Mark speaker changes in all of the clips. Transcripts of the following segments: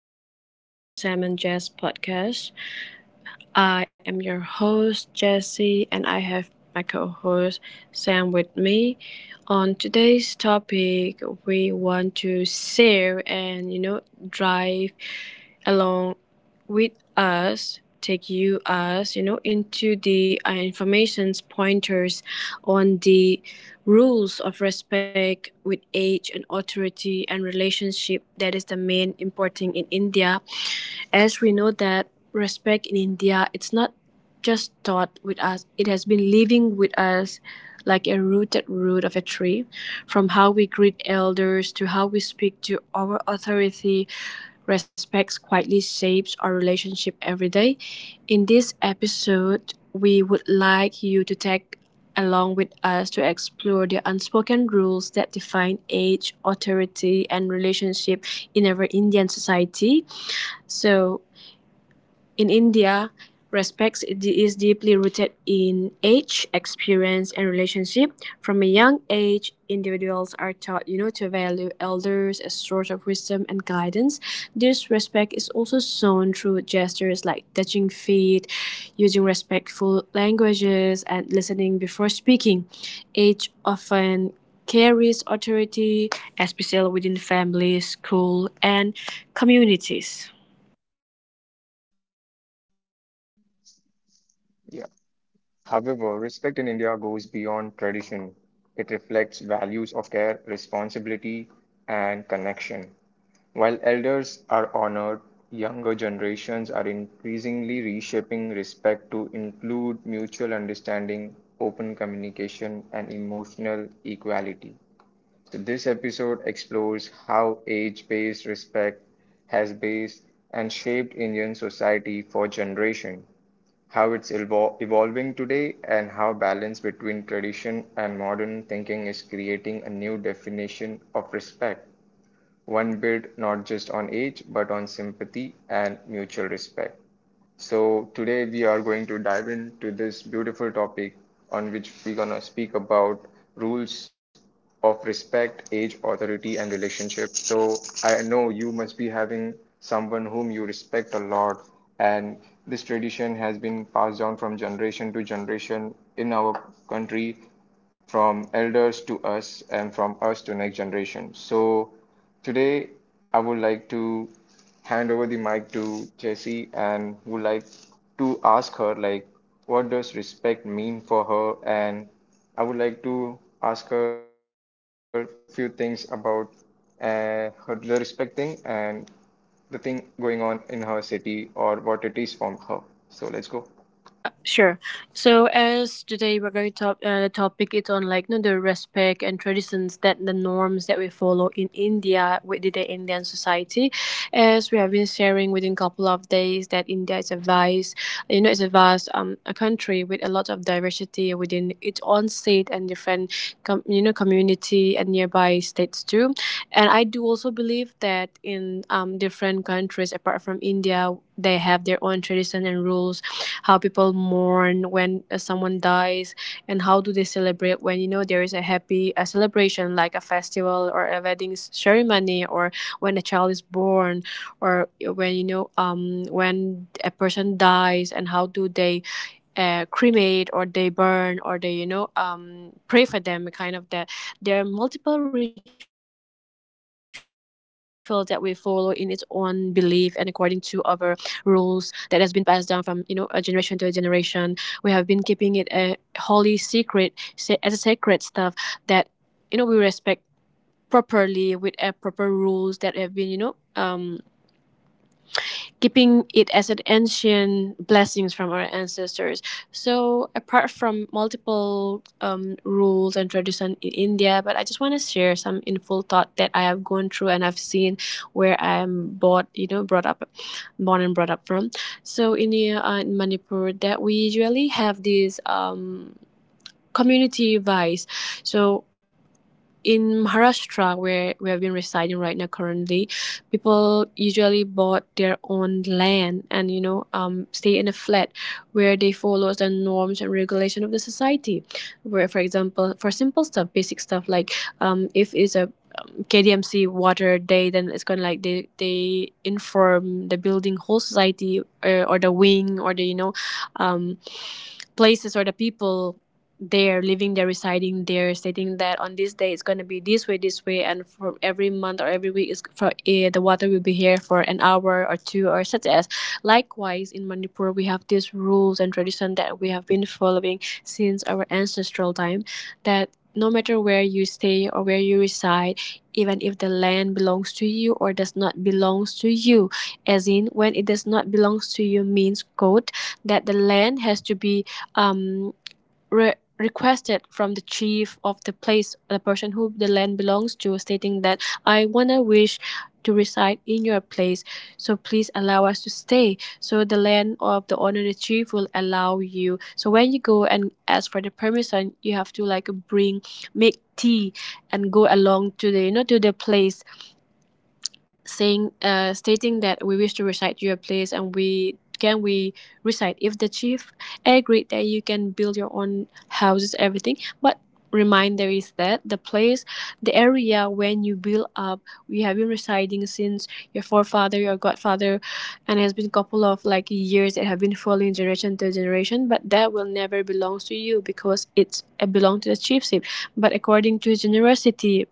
Speaker 1: again to Sam and Jazz podcast. I am your host, Jesse, and I have my co host, Sam, with me. On today's topic, we want to share and, you know, drive along with us, take you us, you know, into the information's pointers on the rules of respect with age and authority and relationship that is the main important in India, as we know that respect in India, it's not just taught with us, it has been living with us like a rooted root of a tree. From how we greet elders to how we speak to our authority, respect quietly shapes our relationship every day. In this episode, we would like you to take along with us to explore the unspoken rules that define age, authority, and relationship in our Indian society. So in India, respect is deeply rooted in age, experience, and relationship. From a young age, individuals are taught, you know, to value elders as source of wisdom and guidance. This respect is also shown through gestures like touching feet, using respectful languages, and listening before speaking. Age often carries authority, especially within families, school, and communities.
Speaker 2: Yeah. However, respect in India goes beyond tradition. It reflects values of care, responsibility, and connection. While elders are honored, younger generations are increasingly reshaping respect to include mutual understanding, open communication, and emotional equality. So this episode explores how age based respect has based and shaped Indian society for generations, how it's evolving today, and how balance between tradition and modern thinking is creating a new definition of respect, one built not just on age but on sympathy and mutual respect. So today we are going to dive into this beautiful topic on which we're gonna speak about rules of respect, age, authority, and relationship. So I know you must be having someone whom you respect a lot, and this tradition has been passed down from generation to generation in our country, from elders to us, and from us to next generation. So today I would like to hand over the mic to Jessie and would like to ask her like what does respect mean for her, and I would like to ask her a few things about her the respect thing and the thing going on in her city or what it is from her. So let's go.
Speaker 1: Sure. So as today we're going to talk, the topic is on like you know, the respect and traditions that the norms that we follow in India with the Indian society. As we have been sharing within couple of days that India is a vast, you know, it's a vast a country with a lot of diversity within its own state and different you know community and nearby states too. And I do also believe that in different countries apart from India they have their own tradition and rules, how people mourn when someone dies, and how do they celebrate when you know there is a happy a celebration like a festival or a wedding ceremony, or when a child is born, or when you know when a person dies and how do they cremate or they burn or they you know pray for them kind of that. There are multiple rituals that we follow in its own belief and according to our rules that has been passed down from you know a generation to a generation. We have been keeping it a holy secret as a sacred stuff that you know we respect properly with a proper rules that have been you know keeping it as an ancient blessings from our ancestors. So apart from multiple rules and tradition in India, but I just want to share some info thought that I have gone through and I've seen where I'm bought, you know, brought up, born and brought up from. So in the, in Manipur, that we usually have this community vibes. So in Maharashtra, where we have been residing right now currently, people usually bought their own land and you know stay in a flat where they follow the norms and regulation of the society. Where, for example, for simple stuff, basic stuff like if it's a KDMC water day, then it's kind of like they inform the building whole society, or the wing or the you know um, places or the people there living there residing there, stating that on this day it's going to be this way, and for every month or every week is for the water will be here for an hour or two or such as. Likewise in Manipur we have these rules and tradition that we have been following since our ancestral time, that no matter where you stay or where you reside, even if the land belongs to you or does not belongs to you. As in when it does not belongs to you means quote, that the land has to be um, requested from the chief of the place, the person who the land belongs to, stating that I wanna wish to reside in your place, so please allow us to stay. So the land of the owner, the chief, will allow you. So when you go and ask for the permission, you have to like bring make tea and go along to the you know to the place saying stating that we wish to recite your place, and we can we recite if the chief agreed that you can build your own houses everything, but reminder is that the place, the area when you build up, we have been residing since your forefather your godfather, and has been a couple of like years that have been following generation to generation, but that will never belongs to you because it belong to the chiefship, but according to his generosity,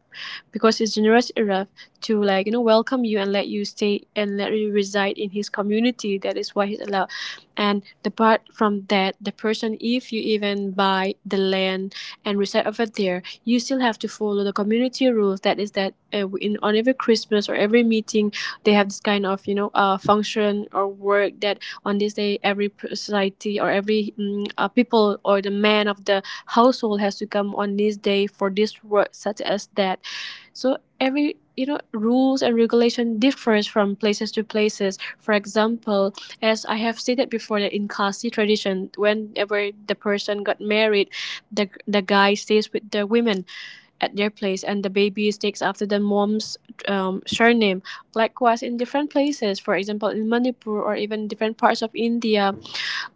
Speaker 1: because his generous enough to like you know welcome you and let you stay and let you reside in his community, that is why he's allowed. And apart from that, the person if you even buy the land and reside over there, you still have to follow the community rules, that is that in on every Christmas or every meeting, they have this kind of you know function or work that on this day every society or every people or the man of the household has to come on this day for this work such as that. So every you know rules and regulation differs from places to places. For example, as I have stated before, that in Kasi tradition, whenever the person got married, the guy stays with the women at their place, and the baby takes after the mom's surname. Likewise in different places, for example in Manipur or even different parts of India,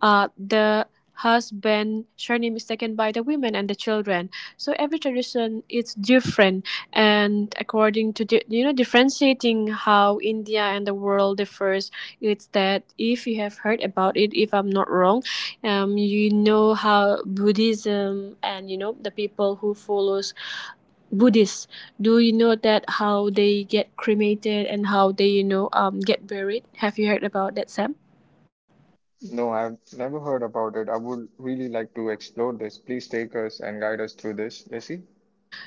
Speaker 1: the husband surname is taken by the women and the children. So every tradition is different, and according to the you know differentiating how India and the world differs, it's that if you have heard about it, if I'm not wrong, you know how Buddhism and you know the people who follows Buddhists, do you know that how they get cremated and how they you know get buried? Have you heard about that, Sam?
Speaker 2: No, I've never heard about it. I would really like to explore this. Please take us and guide us through this, Jessie.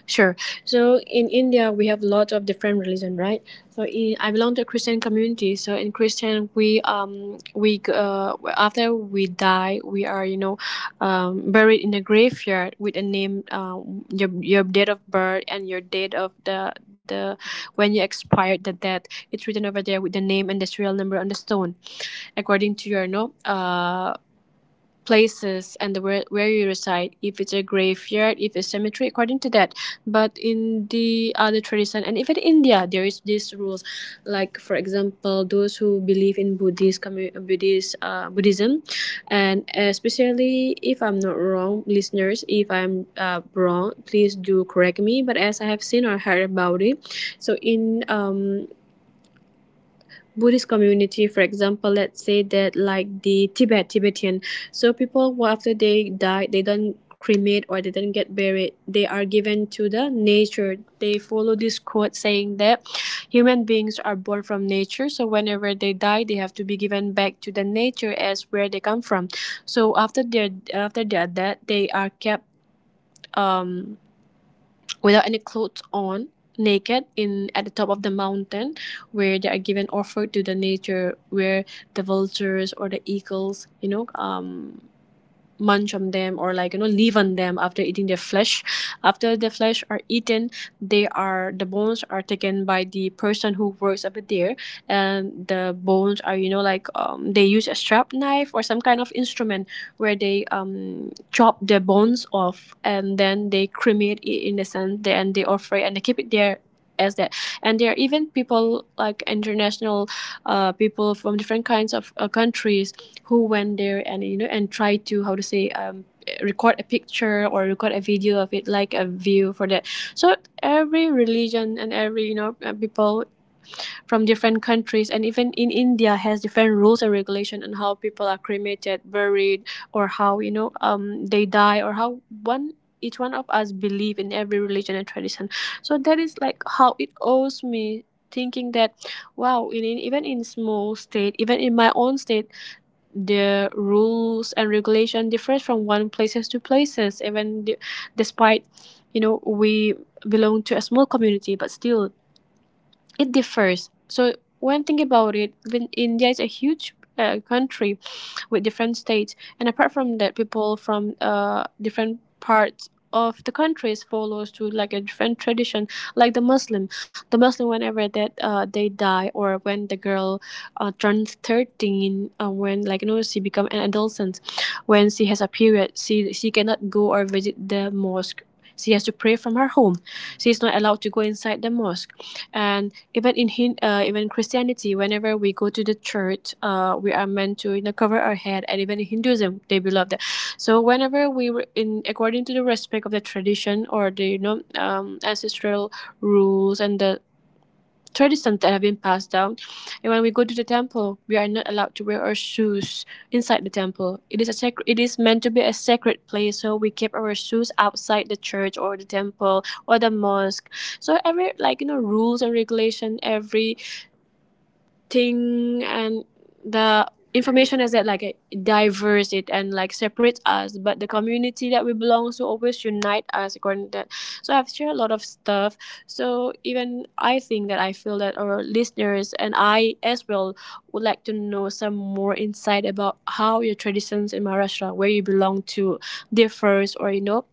Speaker 1: Sure. So in India, we have lots of different religion, right? So in, I belong to a Christian community. So in Christian, we after we die, we are you know, buried in a graveyard with a name, your date of birth and your date of the when you expired the death. It's written over there with the name and the serial number on the stone, according to your no places and the where you reside, if it's a graveyard, if it's cemetery, according to that. But in the other tradition and even India there is these rules. Like for example those who believe in buddhist commu- buddhist Buddhism, and especially if I'm not wrong listeners, if I'm wrong please do correct me, but as I have seen or heard about it. So in Buddhist community, for example, let's say that like the Tibetan, so people, well, after they die, they don't cremate or they don't get buried. They are given to the nature. They follow this quote saying that human beings are born from nature. So whenever they die, they have to be given back to the nature as where they come from. So after their death, they are kept um without any clothes on, naked in at the top of the mountain, where they are given offer to the nature, where the vultures or the eagles, you know, munch on them or like you know live on them after eating their flesh. After the flesh are eaten, they are the bones are taken by the person who works over there, and the bones are you know like they use a sharp knife or some kind of instrument where they chop the bones off, and then they cremate it in a sense they, and they offer it and they keep it there as that. And there are even people like international people from different kinds of countries, who went there and you know and try to how to say record a picture or record a video of it like a view for that. So every religion and every you know people from different countries and even in India has different rules and regulation on how people are cremated buried, or how you know they die, or how one each one of us believe in every religion and tradition. So that is like how it owes me thinking that wow, in even in small state, even in my own state, the rules and regulation differs from one places to places, even despite you know we belong to a small community, but still it differs. So when think about it, when India is a huge country with different states, and apart from that, people from different parts of the countries follows to like a different tradition like the muslim whenever that they die or when the girl turns 13, when like you know she become an adolescent. When she has a period, she cannot go or visit the mosque. She has to pray from her home. She is not allowed to go inside the mosque. And even in even Christianity, whenever we go to the church, we are meant to you know cover our head, and even in Hinduism, they believe that. So whenever we were in according to the respect of the tradition or the you know ancestral rules and the traditions that have been passed down. And when we go to the temple, we are not allowed to wear our shoes inside the temple. It is a sacred. It is meant to be a sacred place, so we keep our shoes outside the church or the temple or the mosque. So every like you know rules and regulation, every thing and the information is that like it diverse it and like separate us, but the community that we belong to always unite us according to that. So I've shared a lot of stuff, so even I think that I feel that our listeners and I as well would like to know some more insight about how your traditions in Maharashtra where you belong to differs, or you know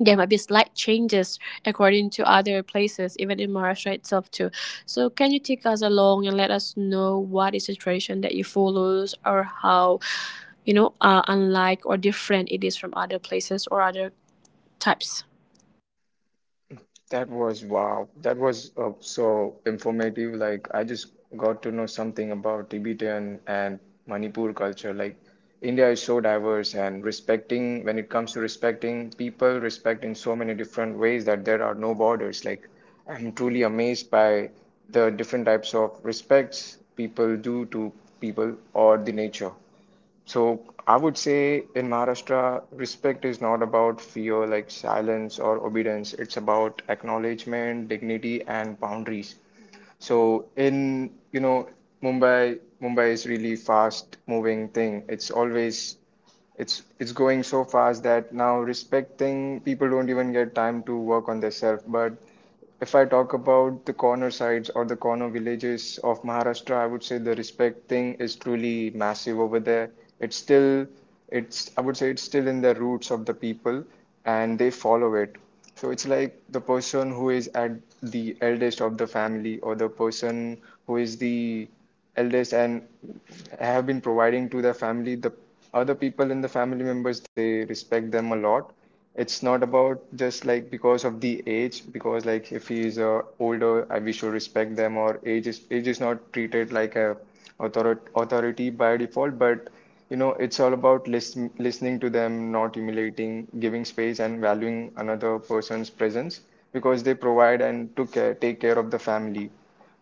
Speaker 1: there might be slight changes according to other places, even in Maharashtra itself too. So can you take us along and let us know what is the tradition that you follows, or how, you know, unlike or different it is from other places or other types?
Speaker 2: That was wow. That was so informative. Like I just got to know something about Tibetan and Manipur culture. Like India is so diverse and respecting when it comes to respecting people, respect in so many different ways that there are no borders. Like I'm truly amazed by the different types of respects people do to people or the nature. So I would say in Maharashtra, respect is not about fear like silence or obedience. It's about acknowledgement, dignity, and boundaries. So in Mumbai, is really fast moving thing. It's always it's going so fast that now respecting people don't even get time to work on themselves. But if I talk about the corner sites or the corner villages of Maharashtra, I would say the respect thing is truly massive over there. It's still, I would say it's still in the roots of the people and they follow it. So it's like the person who is at the eldest of the family, or the person who is the eldest and have been providing to their family, the other people in the family members, they respect them a lot. It's not about just like because of the age, because like if he is older, I we should respect them. Or age is not treated like a authority by default, but you know, it's all about listening to them, not humiliating, giving space, and valuing another person's presence because they provide and take care of the family.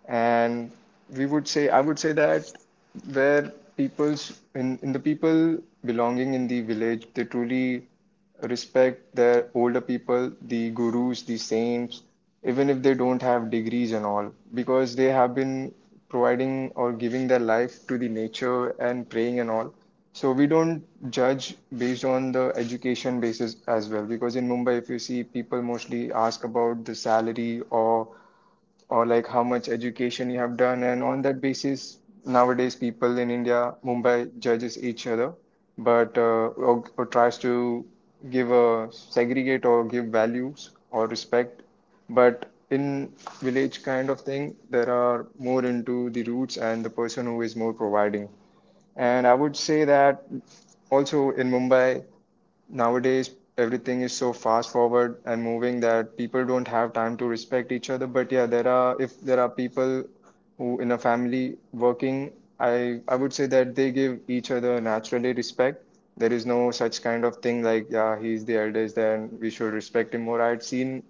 Speaker 2: And we would say I would say that where people's in the people belonging in the village, they truly respect their older people, the gurus, the saints, even if they don't have degrees and all, because they have been providing or giving their life to the nature and praying and all. So we don't judge based on the education basis as well, because in Mumbai, if you see, people mostly ask about the salary or like how much education you have done. And on that basis, nowadays people in India, Mumbai judges each other, but or tries to give a segregate or give values or respect. But in village kind of thing, there are more into the roots and the person who is more providing. And I would say that also in Mumbai. Nowadays, everything is so fast forward and moving that people don't have time to respect each other. But yeah, there are, if there are people who in a family working, I would say that they give each other naturally respect. There is no such kind of thing like yeah, he's the eldest, then we should respect him more. I'd seen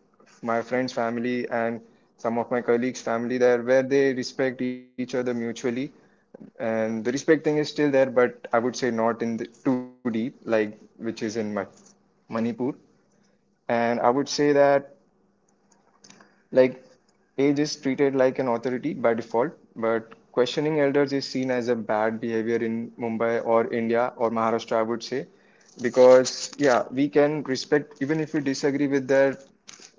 Speaker 2: my friend's family and some of my colleagues' family there, where they respect each other mutually and the respect thing is still there, but I would say not in the too deep, like which is in Ma Manipur. And I would say that like age is treated like an authority by default, but questioning elders is seen as a bad behavior in Mumbai or India or Maharashtra, I would say, because yeah, we can respect even if we disagree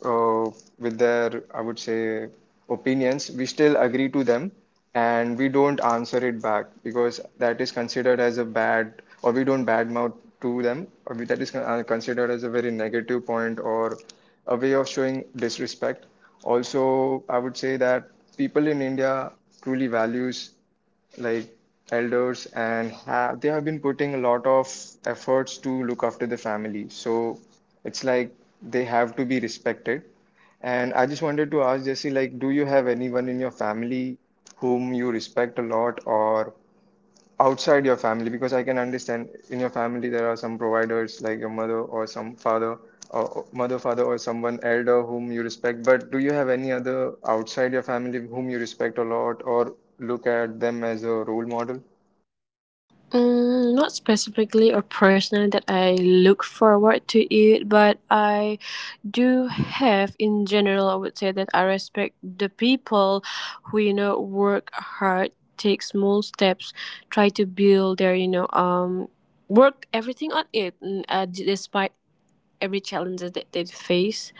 Speaker 2: uh, with their, I would say, opinions, we still agree to them and we don't answer it back, because that is considered as a bad, or we don't badmouth to them, or we, that is considered as a very negative point or a way of showing disrespect. Also, I would say that people in India truly values like elders and ha they have been putting a lot of efforts to look after the family. So it's like they have to be respected. And I just wanted to ask Jesse, like, do you have anyone in your family whom you respect a lot, or outside your family? Because I can understand in your family there are some providers like your mother or some father, or mother, father, or someone elder whom you respect, but do you have any other outside your family whom you respect a lot or look at them as a role model?
Speaker 1: Mm, not specifically or personal that I look forward to it, but I do have in general, I would say that I respect the people who, you know, work hard, take small steps, try to build their, you know, work everything on it, despite every challenges that they face.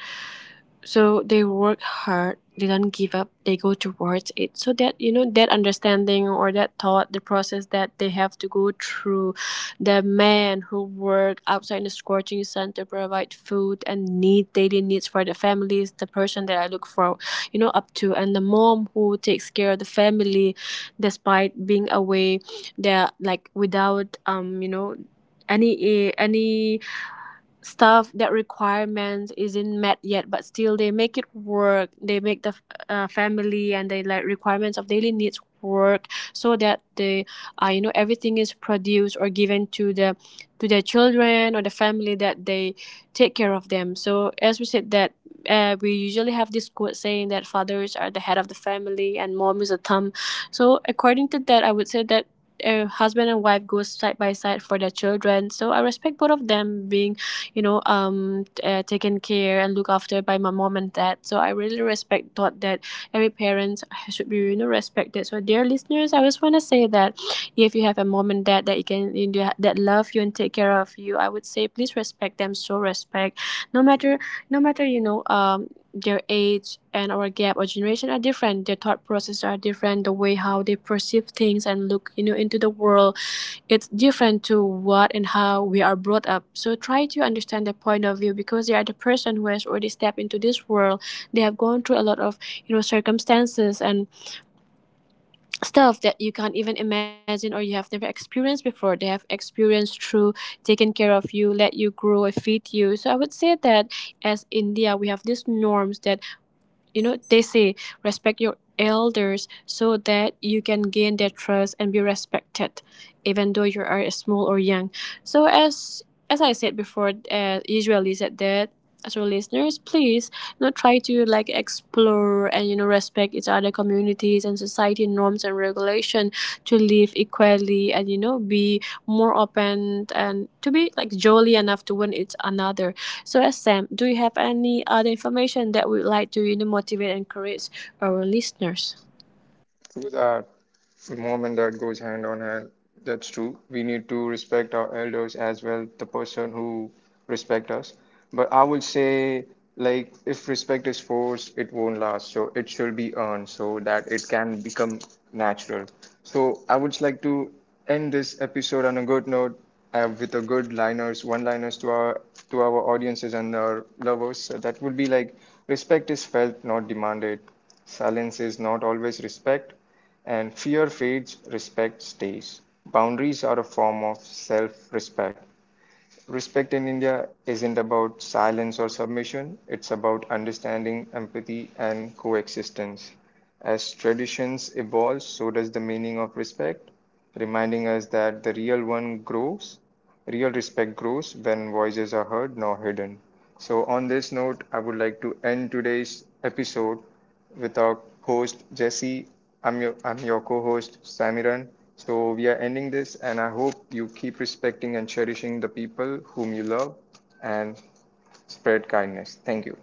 Speaker 1: So they work hard, they don't give up, they go towards it, so that you know that understanding or that thought the process that they have to go through. The men who work outside in the scorching sun to provide food and need daily needs for the families, the person that I look for you know up to, and the mom who takes care of the family despite being away. They're like without you know any any stuff that requirements isn't met yet, but still they make it work. They make the family and they like requirements of daily needs work, so that they you know everything is produced or given to the to their children or the family that they take care of them. So as we said that, we usually have this quote saying that fathers are the head of the family and mom is a thumb. So according to that I would say that, husband and wife goes side by side for their children, so I respect both of them being you know taken care and looked after by my mom and dad. So I really respect thought that every parent should be you know respected. So dear listeners, I just want to say that if you have a mom and dad that you that love you and take care of you, I would say please respect them. So respect, no matter, no matter you know their age and our gap or generation are different, their thought processes are different, the way how they perceive things and look you know into the world, it's different to what and how we are brought up. So try to understand their point of view, because they are the person who has already stepped into this world. They have gone through a lot of you know circumstances and stuff that you can't even imagine or you have never experienced before. They have experienced through taking care of you, let you grow, feed you. So I would say that as India, we have these norms that you know they say respect your elders so that you can gain their trust and be respected, even though you are small or young. So as I said before, usually said that, as our listeners, please you know try to like explore and you know respect each other communities and society norms and regulation, to live equally and you know be more open and to be like jolly enough to win each another. So, as Sam, do you have any other information that would like to you know, motivate and encourage our listeners?
Speaker 2: True that. Moment that goes hand on hand. That's true. We need to respect our elders as well, the person who respect us. But I would say, like, if respect is forced, it won't last. So it should be earned so that it can become natural. So I would like to end this episode on a good note, with a good liners, one-liners to our audiences and our lovers. So that would be like, respect is felt, not demanded. Silence is not always respect. And fear fades, respect stays. Boundaries are a form of self respect. Respect in India isn't about silence or submission, it's about understanding, empathy, and coexistence. As traditions evolve, so does the meaning of respect, reminding us that the real one grows, real respect grows when voices are heard, not hidden. So, on this note, I would like to end today's episode with our host Jesse. I'm your co-host Samiran. So we are ending this, and I hope you keep respecting and cherishing the people whom you love, and spread kindness. Thank you.